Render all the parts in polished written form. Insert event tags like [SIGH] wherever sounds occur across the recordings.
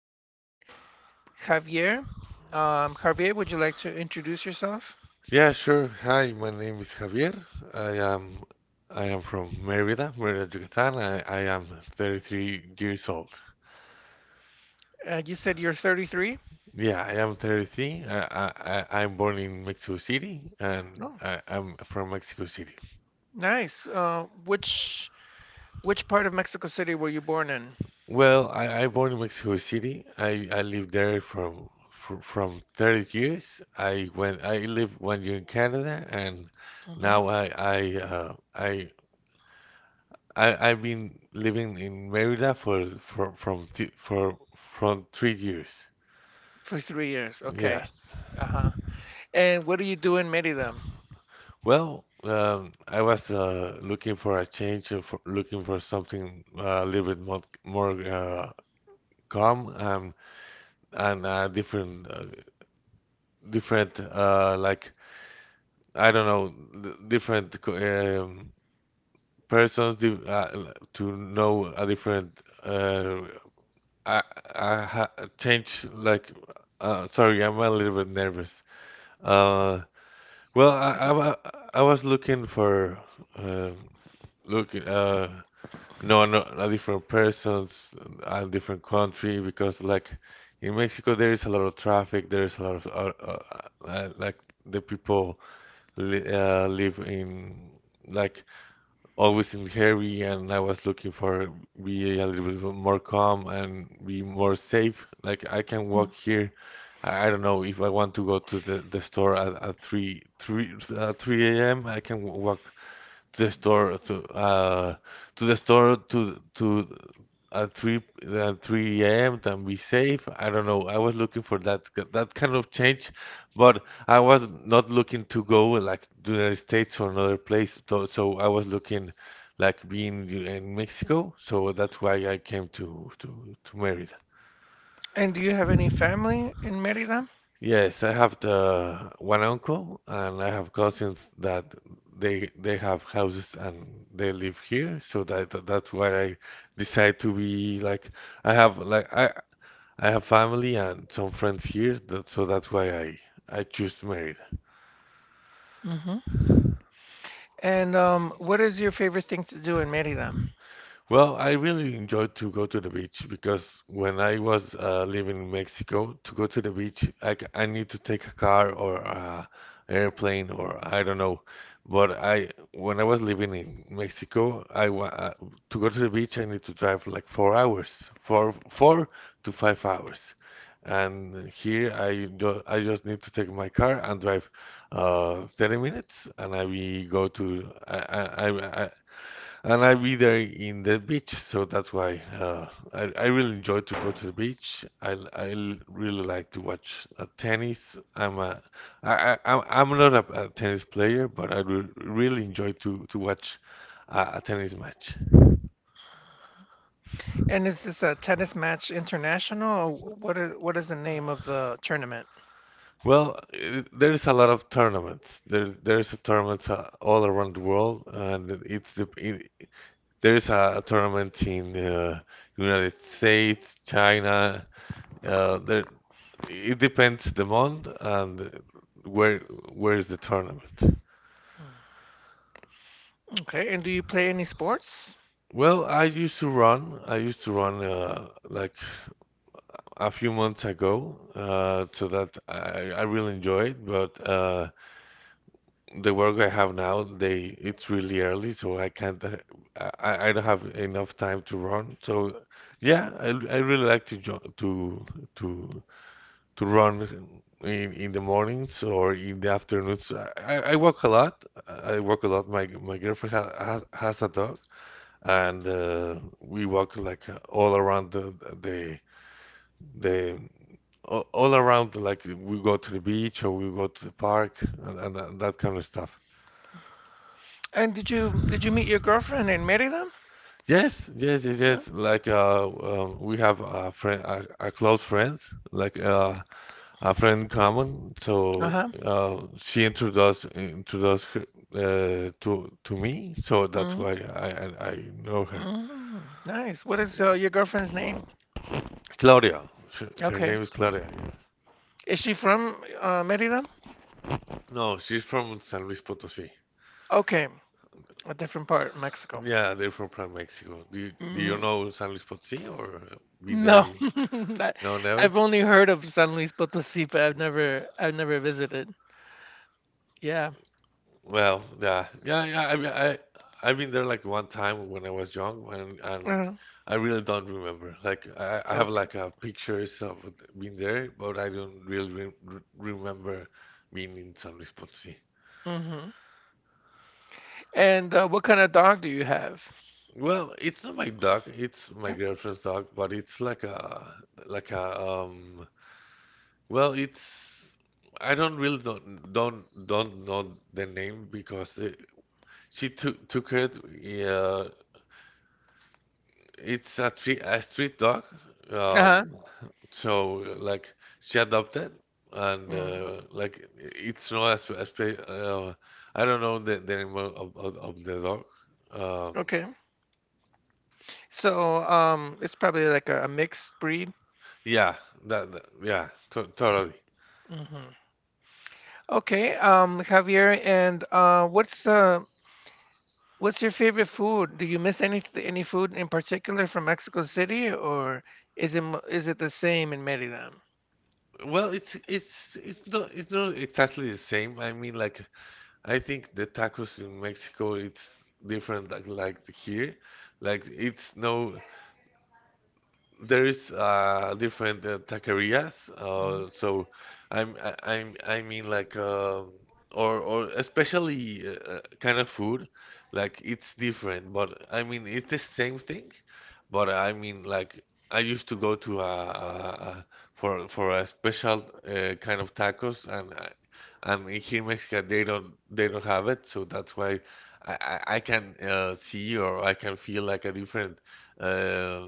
interviewing Javier. Javier, would you like to introduce yourself? Yeah, sure. Hi, my name is Javier. I am I am from Mérida, Yucatán. I am 33 years old. You said you're 33. Yeah, I am 33. I'm born in Mexico City, and Oh, I'm from Mexico City. nice. Which part of Mexico City were you born in? Well, I born in Mexico City. I lived there from 30 years. I lived one year in Canada, and Hmm now I've been living in Merida for from th for from 3 years. For 3 years. Okay. Yes. Uh-huh. And what do you do in Merida? Well, I was looking for a change, looking for something, a little bit more calm and different, like, I don't know, th- different co-, persons, di, to know a different, I I ha change, like, sorry, I'm a little bit nervous. Uh well, That's okay. wa-, I was looking for, uh looking, no, no, a different persons, a different country, because, like, in Mexico there is a lot of traffic, there is a lot of, like, the people li, live in, like, always in hurry, and I was looking for be a little bit more calm and be more safe. Like I can walk here. I don't know if I want to go to the store at 3, 3, at 3 a.m. I can walk to the store, to the store, to at 3, at 3 a.m. and be safe. I don't know. I was looking for that, kind of change, but I was not looking to go like to the United States or another place. So, I was looking like being in Mexico. So that's why I came to Mérida. And do you have any family in Merida? Yes, I have the one uncle and I have cousins that they have houses and they live here, so that's why I decide to be like, I have like, I have family and some friends here, that, so that's why I choose married. Hmm And what is your favorite thing to do in Merida? Well, I really enjoy to go to the beach because when I was living in Mexico, to go to the beach, I, c- I need to take a car or, airplane, or I don't know. But I, when I was living in Mexico, I, wa to go to the beach, I need to drive like 4 hours, four to five hours. And here I do, I just need to take my car and drive, 30 minutes, and I will go to, I I, and I'll be there in the beach, so that's why, I really enjoy to go to the beach. I l- really like to watch, tennis. I'm a, I, I, I'm I'm not a, a tennis player, but I re really enjoy to watch a tennis match. And is this a tennis match international? Or what is the name of the tournament? Well, I there's a lot of tournaments. There's a tournament, all around the world, and it's the, it, there's a tournament in, United States, China. Uh, there, It depends the month and where where is the tournament. Mm. Okay, and do you play any sports? Well, I used to run. I used to run, like a few months ago, so that I really enjoy it. But, the work I have now, they it's really early, so I can't. I don't have enough time to run. So yeah, I really like to jo to to run in, the mornings or in the afternoons. I, I walk a lot. I walk a lot. My, girlfriend, ha, has a dog, and, we walk like, all around the, the the all, around, like we go to the beach or we go to the park, that kind of stuff. And did you meet your girlfriend in Merida? Yes, yes, yes, yes. Like, we have a friend, a close friends. Like, a friend in common. Uh So, huh. She introduced her, to me. So that's why hmm I know her. hmm Nice. What is your girlfriend's name? Claudia, her Okay. name is Claudia. Is she from Merida? No, she's from San Luis Potosí. Okay, a different part, Mexico. Yeah, they're from, Mexico. Do you Mm, know San Luis Potosí or been there? no, [LAUGHS] No, never. I've only heard of San Luis Potosí, but I've never visited. Yeah. Well, yeah, yeah, yeah. I mean, I've been there like one time when I was young, and, Uh, I really don't remember. Like I have okay. like, pictures of being there, but I don't really re re remember being in San Luis Potosí. hmm And what kind of dog do you have? Well, it's not my dog. It's my girlfriend's dog, but it's like a, like a, um. Well, it's, I don't really don't know the name because it, she took it. Yeah, it's a tree, a street dog. Uh huh. Um, so, like, she adopted, and, Mm, like it's not a, spe, a spe, uh, I don't know the name of the dog. Um, okay. So it's probably like a mixed breed. yeah, that, that-, yeah, to totally. Hmm Okay, Javier, and what's your favorite food? Do you miss any food in particular from Mexico City, or is it the same in Merida? Well, it's not, it's not exactly the same. I mean, like, I think the tacos in Mexico it's different, like here. Like it's, no, there is, different, taquerias. Mm, so, I'm, I mean, like, or, especially, kind of food, like it's different. But I mean it's the same thing. But I mean, like, I used to go to a, for a special, kind of tacos, and. I, and here in Mexico they don't have it, so that's why I can, see or I can feel like a different, uh,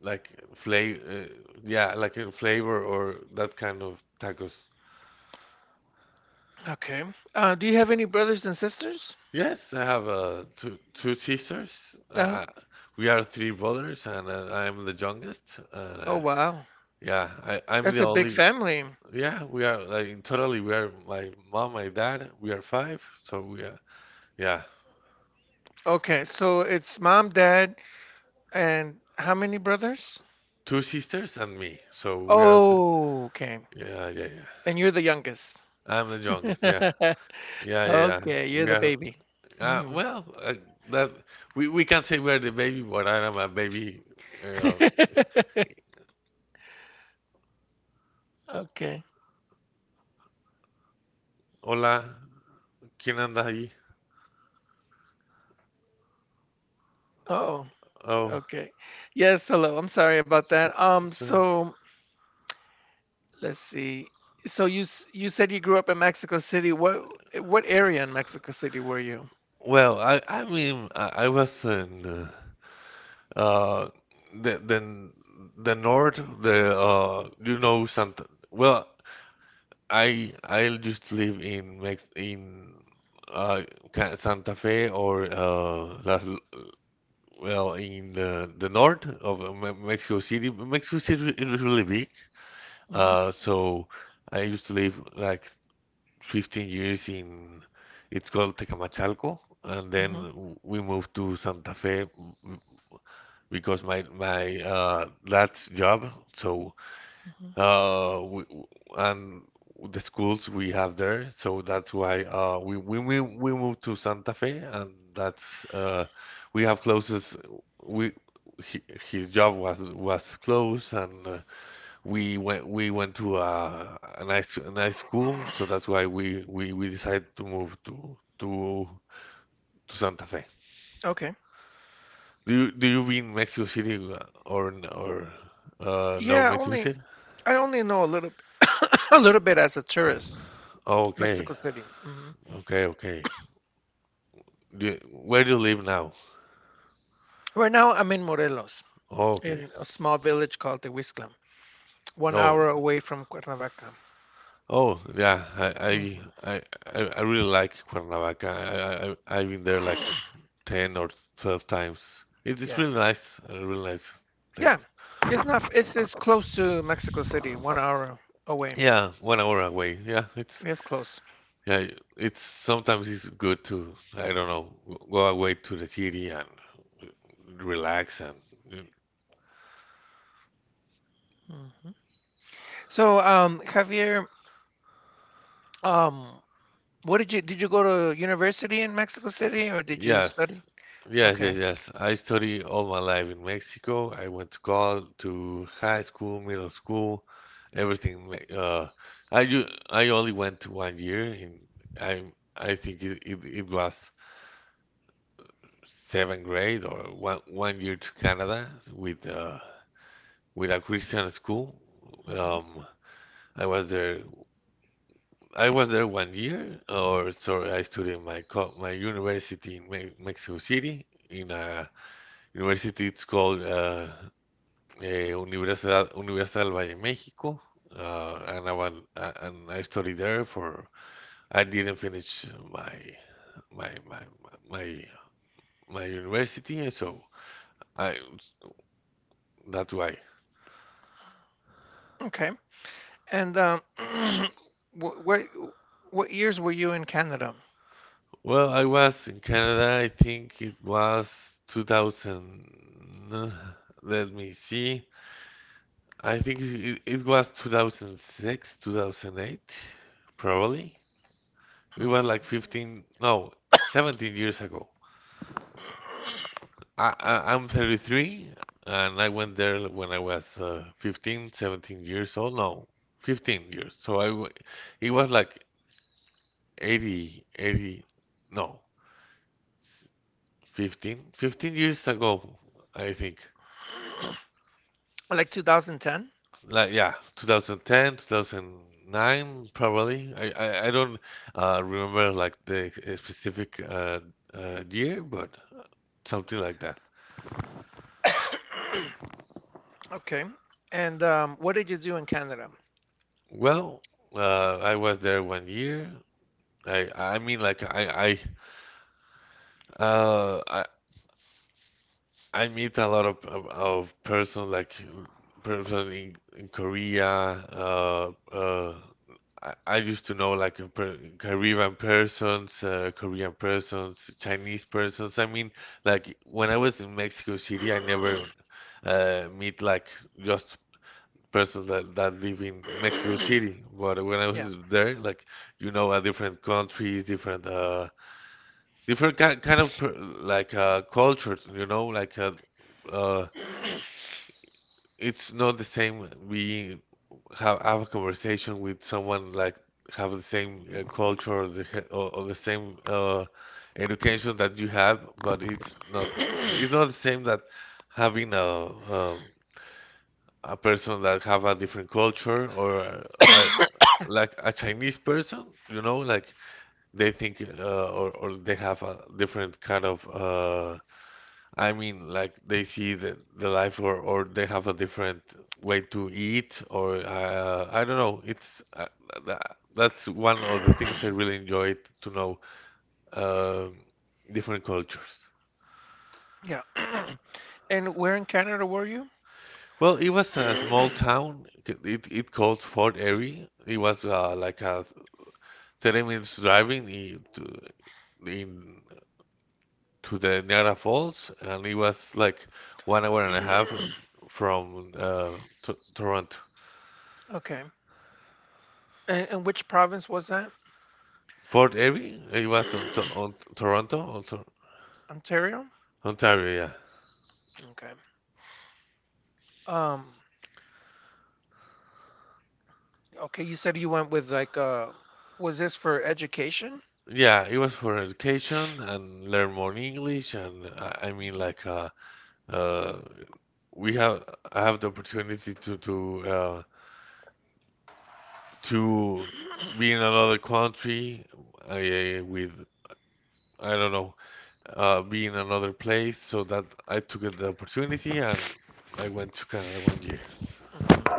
like flavor, yeah, like a flavor or that kind of tacos. okay. Do you have any brothers and sisters? Yes, I have, two sisters. No. We are three brothers, and, I am the youngest. Oh Uh, wow, yeah, I'm the that's a big only. family. Yeah, we are like in totally. We are my mom, my dad. We are five, so we are, yeah, Okay, so it's mom, dad, and how many brothers? two sisters and me. So we are. Th Oh, okay. yeah, yeah, yeah. And you're the youngest. I'm the [LAUGHS] youngest. Yeah, yeah, yeah, yeah. Okay, you're We the are, baby. Uh, Mhm. well, uh, that we, can say we're the baby, but I am a baby. Uh, [LAUGHS] Okay. Hola, ¿quién anda ahí? Oh, Oh, okay. Yes, hello. I'm sorry about so, that. Um, so-, so let's see. You said you grew up in Mexico City. What area in Mexico City were you? well, I mean, I was in, uh, the, north, the, you know, Santa. Well, I just live in Mex in, uh Ca- Santa Fe or, Las. Well, in the, north of, Me- Mexico City. Mexico City is re- is really big. Hmm So I used to live like 15 years in, it's called Tecamachalco, and then hmm w- we moved to Santa Fe w- w-, because my, dad's job. So, hmm we, and the schools we have there, so that's why, we, we moved to Santa Fe, and that's, we have closest, we he, his job was, close, and, we went, we went to a nice, school, so that's why we decided to move to, to Santa Fe. [CLEARS THROAT] Okay. Do you, been Mexico City, or no, Yeah, Mexico only City. I only know a little [COUGHS] a little bit as a tourist. Oh, Mexico City. Hmm okay okay. Do you-, where do you live now? Right now, I'm in Morelos, Oh, okay. in a small village called Tehuizcla, one Oh, hour away from Cuernavaca. oh, yeah. Mhm. I really like Cuernavaca. I-, I've been there like [CLEARS THROAT] 10 or 12 times. It is Yeah, really nice, a really nice yeah, place. it's not. It's close to Mexico City, 1 hour away. Yeah, one hour away. Yeah, It's close. yeah, it's, sometimes it's good to, I don't know, go away to the city and relax, and. Mhm. So, Javier, um, what did you go to university in Mexico City or did you Yes, study? yes, Okay. yes, yes. I study all my life in Mexico. I went to college, to high school, middle school, everything. me-, I, ju I only went to one year, and, I think it was seventh grade, or one year to Canada with, with a Christian school. Mhm. Um, I was there. I was there one year, or sorry, I studied my, co my university in, Me Mexico City in a university, it's called, Universidad del Valle, Mexico. And I went, and I studied there for, I didn't finish my, my, my, my, my university, and so I, that's why. Okay. And [CLEARS THROAT] what, what what years were you in Canada? Well, I was in Canada, I think it was 2000, let me see. I think it was 2006, 2008, probably. We Hmm. were like 15, no, 17 years ago. [CLEARS THROAT] I'm 33, and I went there when I was, 15, 17 years old. No, 15 years. So I w-, it was like 80, 80, no, 15, 15 years ago, I think. Like 2010? Like, yeah, 2010, 2009 probably. I don't, remember like the specific, year, but something like that. [COUGHS] Okay. And what did you do in Canada? Well, I was there one year. I mean, like, I uh I I meet a lot of, person, like, person in Korea. I used to know like a per, Caribbean persons, Korean persons, Chinese persons. I mean like when I was in Mexico City, I never meet like just persons that live in Mexico City. But when I Yeah. was there, like different countries, different different ki kind of per like cultures. Like uh, it's not the same. We have a conversation with someone like have the same culture or or the same education that you have, but it's not Yeah. [CLEARS THROAT] it's not the same that having um, a person that have a different culture or I, like a Chinese person, like they think or they have a different kind of I mean like they see the life or they have a different way to eat or I don't know. It's that's one of the things I really enjoyed to know um different cultures. And where in Canada were you? Well, it was a small town. It called Fort Erie. It was like a 30 minutes driving in to the Niagara Falls, and it was like one hour and a half from to Toronto. Okay. And which province was that? Fort Erie, it was [CLEARS THROAT] on Toronto, on Tor Ontario? Ontario, yeah. Okay. Um, okay, you said you went with like was this for education? Yeah, it was for education and learn more English, and I mean like uh, we have I have the opportunity to Mhm. be in another country with I don't know be in another place. So that I took the opportunity and I went to Canada one year. Mhm.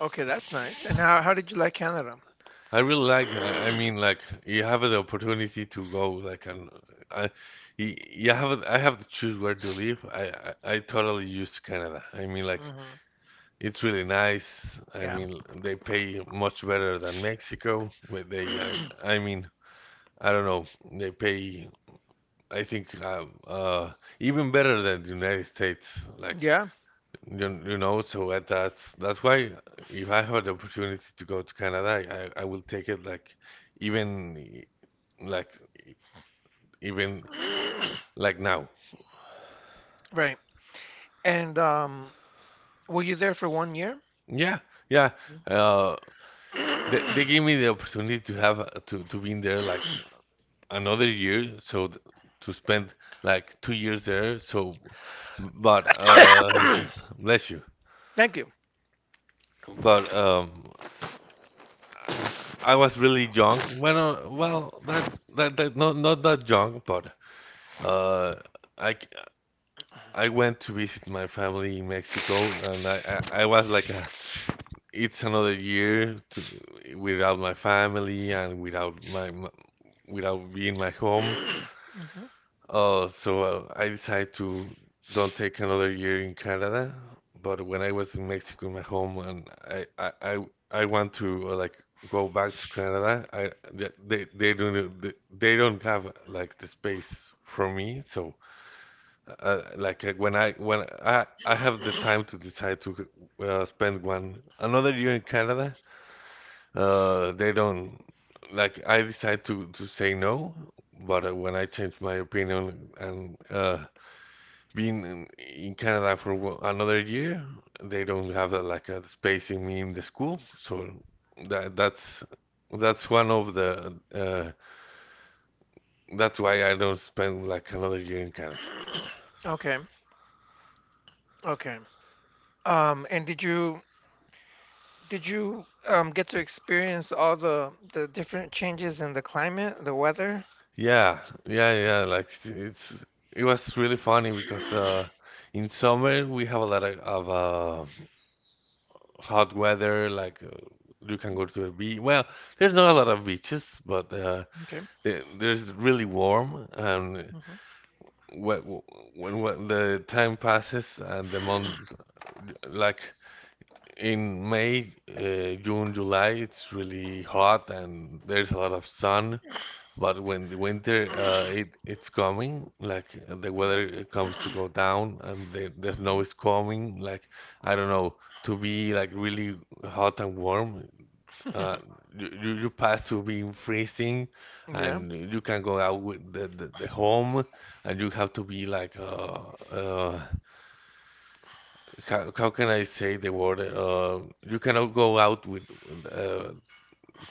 Okay, that's nice. And how did you like Canada? I really liked I mean, like you have the opportunity to go, like, and I, I have to choose where to live. I totally used Canada. I mean, like Hmm it's really nice. I Yeah. mean, they pay much better than Mexico. But I mean, I don't know. They pay. I think even better than the United States. Like Yeah. So at that's why if I have the opportunity to go to Canada, I will take it like even like even like now. Right. And were you there for 1 year? Yeah, yeah. Uh, they [CLEARS THROAT] gave me the opportunity to have to be in there like another year, so to spend like 2 years there. So, but bless you. Thank you. [CLEARS THROAT] But I was really young. Well, well, that's that that not that young, but Uh, I I went to visit my family in Mexico, and I was like it's another year to without my family and without my without being my home. Mhm. So I decided to don't take another year in Canada. But when I was in Mexico, my home, and I want to like go back to Canada. I they don't have like the space for me, so. Like when I have the time to decide to spend one another year in Canada, they don't like I decide to say no, but when I change my opinion and being in Canada for another year, they don't have like a space in me in the school, so that that's one of the that's why I don't spend like another year in Canada. Okay. Okay. And did you get to experience all the different changes in the climate, the weather? Yeah, yeah, yeah. Like it was really funny because [CLEARS THROAT] in summer we have a lot of hot weather. Like you can go to a beach. Well, there's not a lot of beaches, but Okay. There's really warm. And Mhm. when, when the time passes and the month, like in May, June, July, it's really hot and there's a lot of sun. But when the winter [CLEARS THROAT] it's coming, like the Yeah. weather comes to go [CLEARS THROAT] down and the snow Mhm. is coming, like I don't know, to be like really hot and warm, uh, [LAUGHS] you pass to being freezing, Yeah. and you can go out with the home, and you have to be like uh how can I say the word you cannot go out with uh,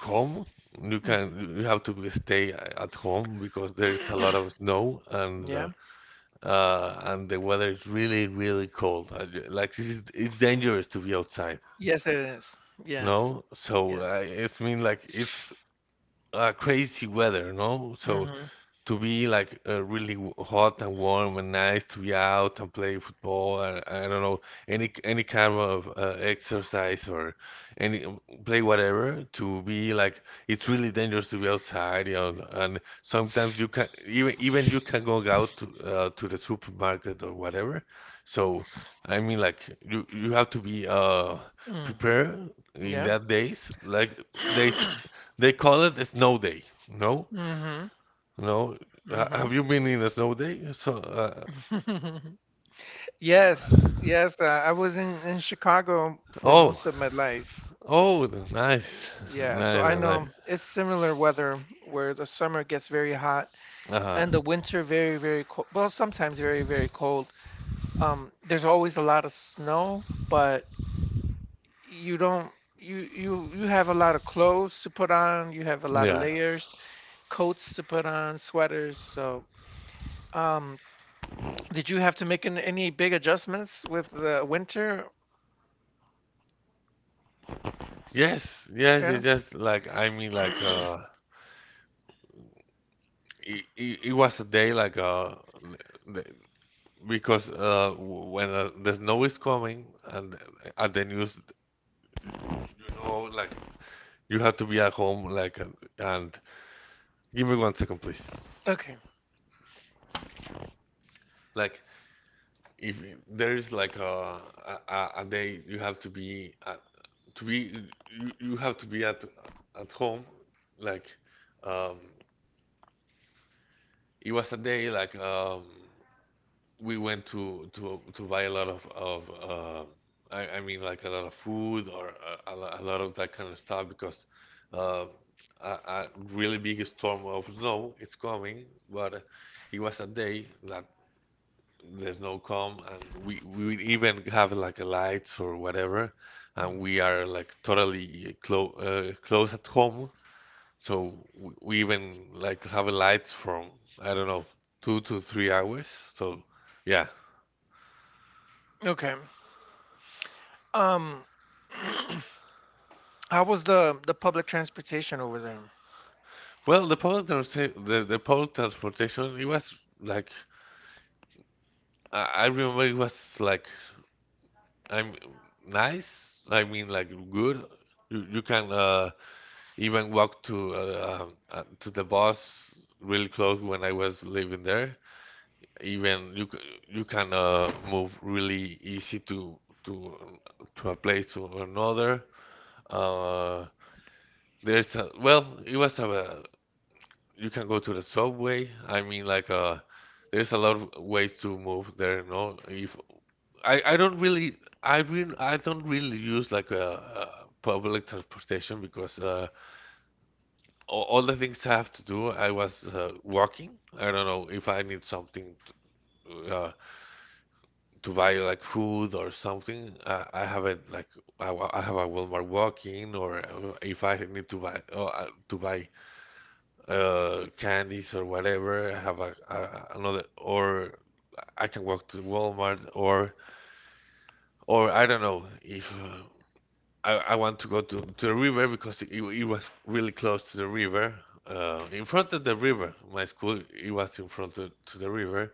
home. You Mm. can you have to stay at home because there is a lot of [CLEARS THROAT] snow Yeah. And the weather is really really cold. Like it's dangerous to be outside. Yes, it is. Yes. No, so Yes. It's mean like it's crazy weather. No, so Mhm. to be like really hot and warm and nice to be out and play football and I don't know any kind of exercise or any play whatever to be like it's really dangerous to be outside and sometimes you can even even you can go out to the supermarket or whatever, so I mean like you have to be Mm. prepared in Yeah. that days like they s- [CLEARS THROAT] they call it a snow day, no, Mhm. no, Mhm. have you been in a snow day? So, [LAUGHS] Yes, yes, I was in Chicago for oh, most of my life. oh, nice, Yeah, so nice, I nice. Nice. know it's similar weather where the summer gets very hot Uh, and the winter very, very cold. Well, sometimes very, very cold. There's always a lot of snow, but you don't you you you have a lot of clothes to put on, you have a lot of yeah, layers, coats to put on, sweaters. So, um, did you have to make any big adjustments with the winter? yes, yes, Yeah. It's just Like I mean, like [CLEARS THROAT] it was a day like the- because when the snow is coming and at the news, like you have to be at home, like and give me one second, please. Okay. Like if there is like a day to be you have to be at home, like um it was a day like we went to buy a lot of I mean, like a lot of food or a lot of that kind of stuff because uh, a really big storm of snow is coming, but it was a day that the snow come and we even have like a lights or whatever, Hmm. and we are like totally close at home. So we even like to have lights from, I don't know, 2 to 3 hours. So yeah. Okay. Um, [CLEARS THROAT] how was the public transportation over there? Well, the public transportation, it was like I remember it was like I'm nice. I mean, like good. You can even walk to the bus really close when I was living there. Even you you can move really easy to to to a place to another. Uh, there's well, it was you can go to the subway. I mean, like there's a lot of ways to move there. No, if I don't really, I mean, I don't really use like public transportation because all the things I have to do I was walking. I don't know if I need something to, uh to buy like food or something. I have it like I have a Walmart walking, or if I need to buy candies or whatever. I have a another, or I can walk to Walmart, or I don't know if I want to go to the river, because it was really close to the river. In front of the river, my school it was in front of, to the river.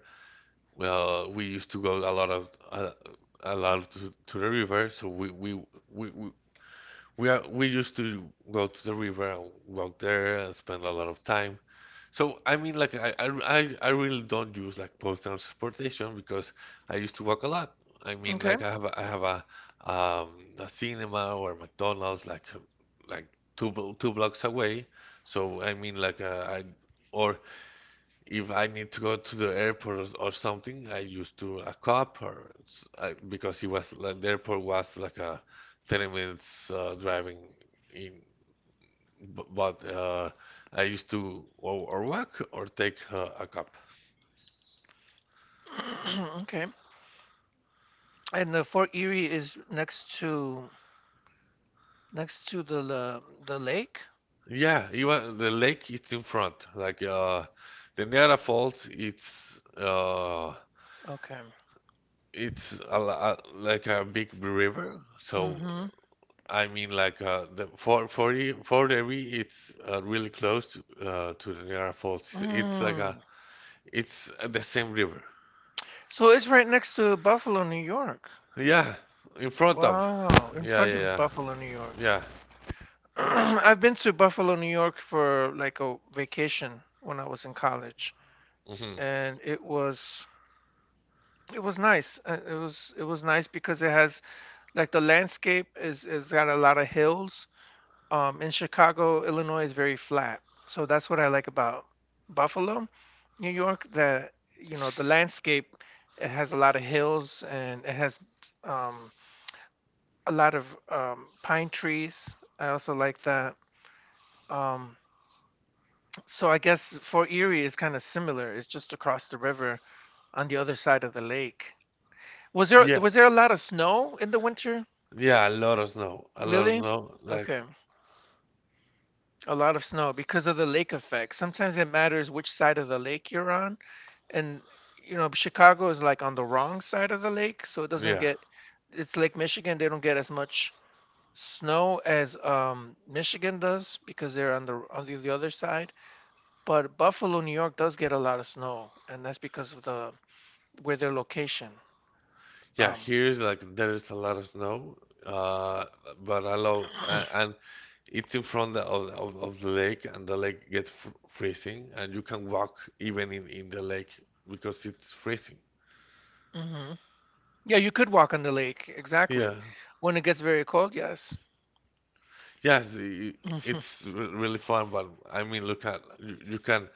Well, we used to go a lot to the river, so we. we we used to go to the river and walk there and spend a lot of time. So I mean, like I really don't use like public transportation because I used to walk a lot. I mean, Okay. like I have a, I have a um a cinema or McDonald's like like 2 blocks away. So I mean, like I or if I need to go to the airport or, something, I used to a cop or because it was like the airport was like a 30 minutes driving in But I used to, or walk or take a cab. [CLEARS THROAT] Okay. And the Fort Erie is next to the lake. Yeah, even the lake it's in front. Like the Niagara Falls, it's Okay. Like a big river. So Mm-hmm. I mean, like the for the re it's really close to, the Niagara Falls. It's like a Mm. it's the same river. So it's right next to Buffalo, New York. Yeah, in front of. Wow, in Yeah, front of yeah, Buffalo, New York. yeah, [CLEARS THROAT] I've been to Buffalo, New York for like a vacation when I was in college, yeah. Hmm. and it was nice. It was nice because it has like the landscape is got a lot of hills. In Chicago, Illinois is very flat, so that's what I like about Buffalo, New York. That you know the landscape, it has a lot of hills and it has um, a lot of pine trees. I also like that. Um, so I guess for Erie is kind of similar. It's just across the river on the other side of the lake. Was there a lot of snow in the winter? Yeah, a lot of snow, a lot of Really? snow. Like, Okay. A lot of snow because of the lake effect. Sometimes it matters which side of the lake you're on. And, you know, Chicago is like on the wrong side of the lake, so it doesn't yeah, get, it's Lake Michigan, they don't get as much snow as Michigan does because they're on the on the other side. But Buffalo, New York does get a lot of snow, and that's because of the where their location. yeah. Um, Here's like there is a lot of snow, uh, but a lot, and, [CLEARS THROAT] and it's in front of the lake, and the lake gets fr freezing, and you can walk even in the lake because it's freezing. mhm. Yeah, you could walk on the lake, Yeah, exactly. When it gets very cold, yes. yes, [LAUGHS] it's really fun, but I mean, look at you, you can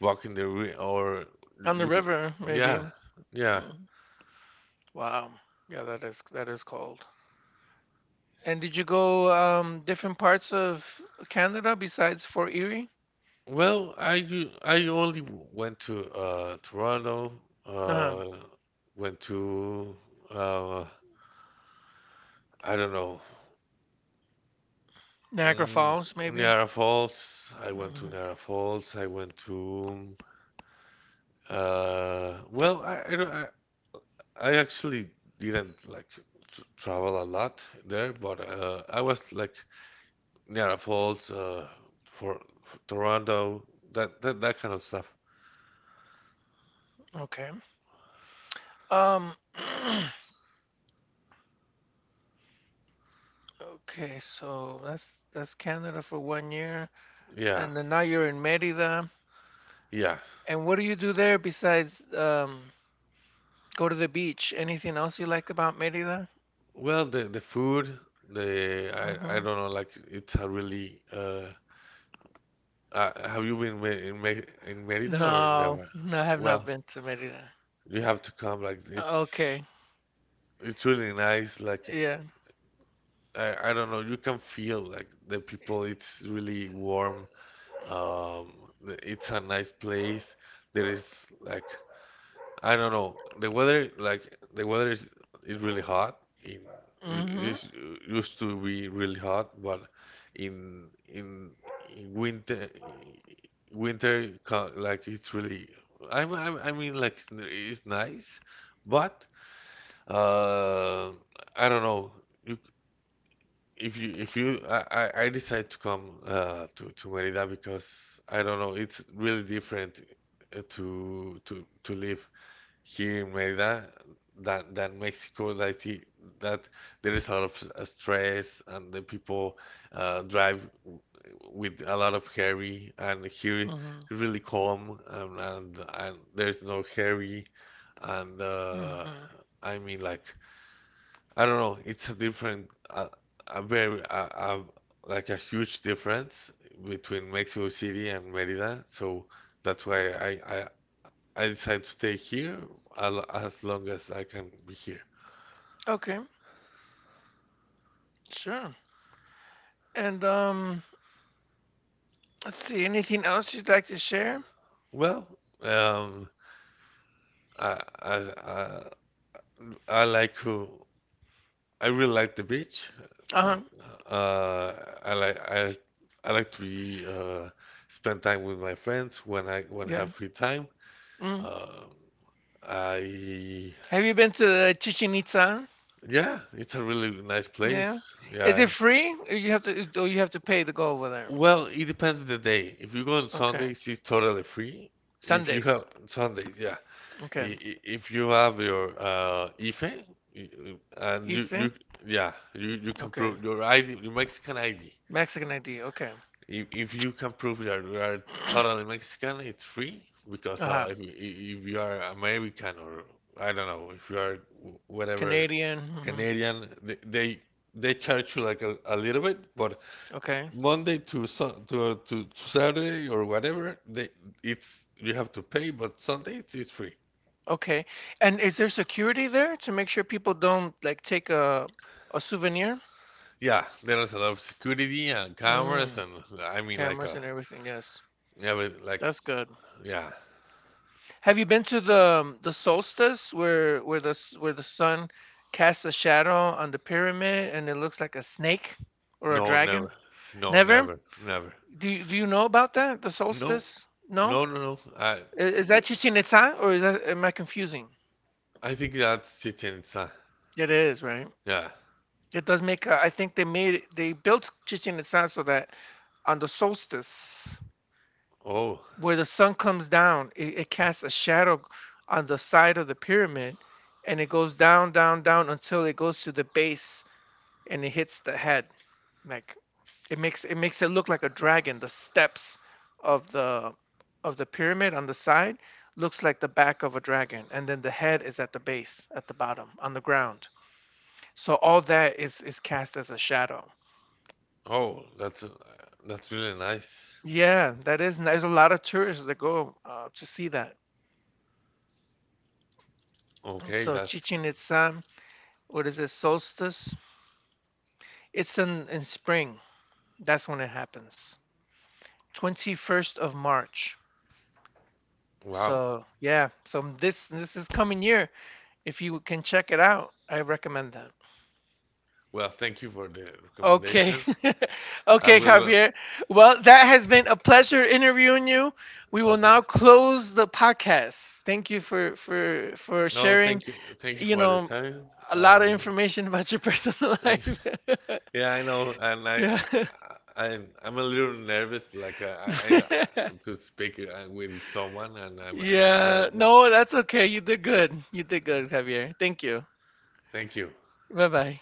walk in the re or you On the you can, river, maybe. yeah, yeah. Wow. Yeah, that is cold. And did you go different parts of Canada besides Fort Erie? Well, I only went to Toronto, Um, uh, went to uh, I don't know, Niagara mm, Falls, maybe? Niagara Falls. I went to Hmm Niagara Falls. I went to well, I actually didn't like tr travel a lot there, but I was like Niagara Falls, for Toronto, that kind of stuff. Okay. Um, [CLEARS THROAT] okay, so that's Canada for 1 year, Yeah, and then now you're in Merida. yeah. And what do you do there besides go to the beach? Anything else you like about Merida? Well, the food, the I Uh-huh. don't know, like it's a really have you been me- in Me in Merida or No, never? no, I have not Well, been to Merida. you have to come. Like it's Okay. it's really nice. Like Yeah. I don't know, you can feel like the people. It's really warm. It's a nice place. There is like I don't know. The weather, like the weather is really hot. In Mm-hmm. it used to be really hot, but in in, in winter winter like it's really. I'm I mean like it's nice, but uh, I don't know. You, if you if you I decide to come to Merida because I don't know. It's really different to to live. Here in Merida, that than Mexico, that I see that there is a lot of stress, and the people drive with a lot of hurry, and here really calm, and there's no hurry, and hmm I mean like I don't know, it's a different, a very a, like a huge difference between Mexico City and Merida, so that's why I decide to stay here as long as I can be here. Okay, sure. And let's see, anything else you'd like to share? Well, um, I, I, I, I I really like the beach. Uh, Uh-huh. uh, I like, I, I like to be, spend time with my friends when I Yeah. have free time. Mm. Um, I, Have you been to Chichen Itza? yeah, it's a really nice Yeah. place. Is Yeah. it free? Or you have to pay to go over there? Well, it depends on the day. If you go on Okay. Sundays, it's totally free. If you have Sundays. Sundays, yeah. Okay. If you have your IFE, and you Ethan. yeah, you can prove Okay. your ID, your Mexican ID. Mexican ID. Okay. If you can prove that you are totally [CLEARS THROAT] Mexican, it's free because Uh-huh. If you are American or I don't know, if you are whatever Canadian. Hmm Canadian, they charge you like a little bit, but Okay. Monday to, to Saturday or whatever, they it's you have to pay, but Sunday it's free. Okay. And is there security there to make sure people don't like take a souvenir? Yeah, there is a lot of security and cameras Mm. and I mean like Cameras a and everything. Yes. never like That's good. yeah. Have you been to the solstice where the sun casts a shadow on the pyramid and it looks like a snake or a No, dragon? never. No, Never? never. Never. Do you know about that? The No. solstice? No? No, no, no. Is that Chichen Itza or is that am I confusing? I think that's Chichen Itza. It is, right? Yeah. It does make a, I think they built Chichen Itza so that on the solstice Oh. where the sun comes down, it casts a shadow on the side of the pyramid and it goes down, down, down until it goes to the base and it hits the head. Like it makes it look like a dragon. The steps of the of the pyramid on the side looks like the back of a dragon, and then the head is at the base, at the bottom, on the ground. So all that is cast as a shadow. Oh, that's really nice. Yeah, that is. There's a lot of tourists that go to see that. Okay, So that's Chichen Itza, what is it? Solstice. It's in spring. That's when it happens. 21st of March. wow. So yeah, so this is coming year. If you can check it out, I recommend that. Well, thank you for the Okay. recommendation. [LAUGHS] I Okay, will go. Javier. Well, that has been a pleasure interviewing you. We will Okay. now close the podcast. Thank you for No, sharing, thank you. Thank you you for the know, time a lot of and information [LAUGHS] about your personal [LAUGHS] life. [LAUGHS] yeah, I know, and [LAUGHS] Yeah. I'm a little nervous. Like I know to speak with someone, and [LAUGHS] I'm but Yeah. No, that's okay. You did good. You did good, Javier. Thank you. thank you. Bye-bye.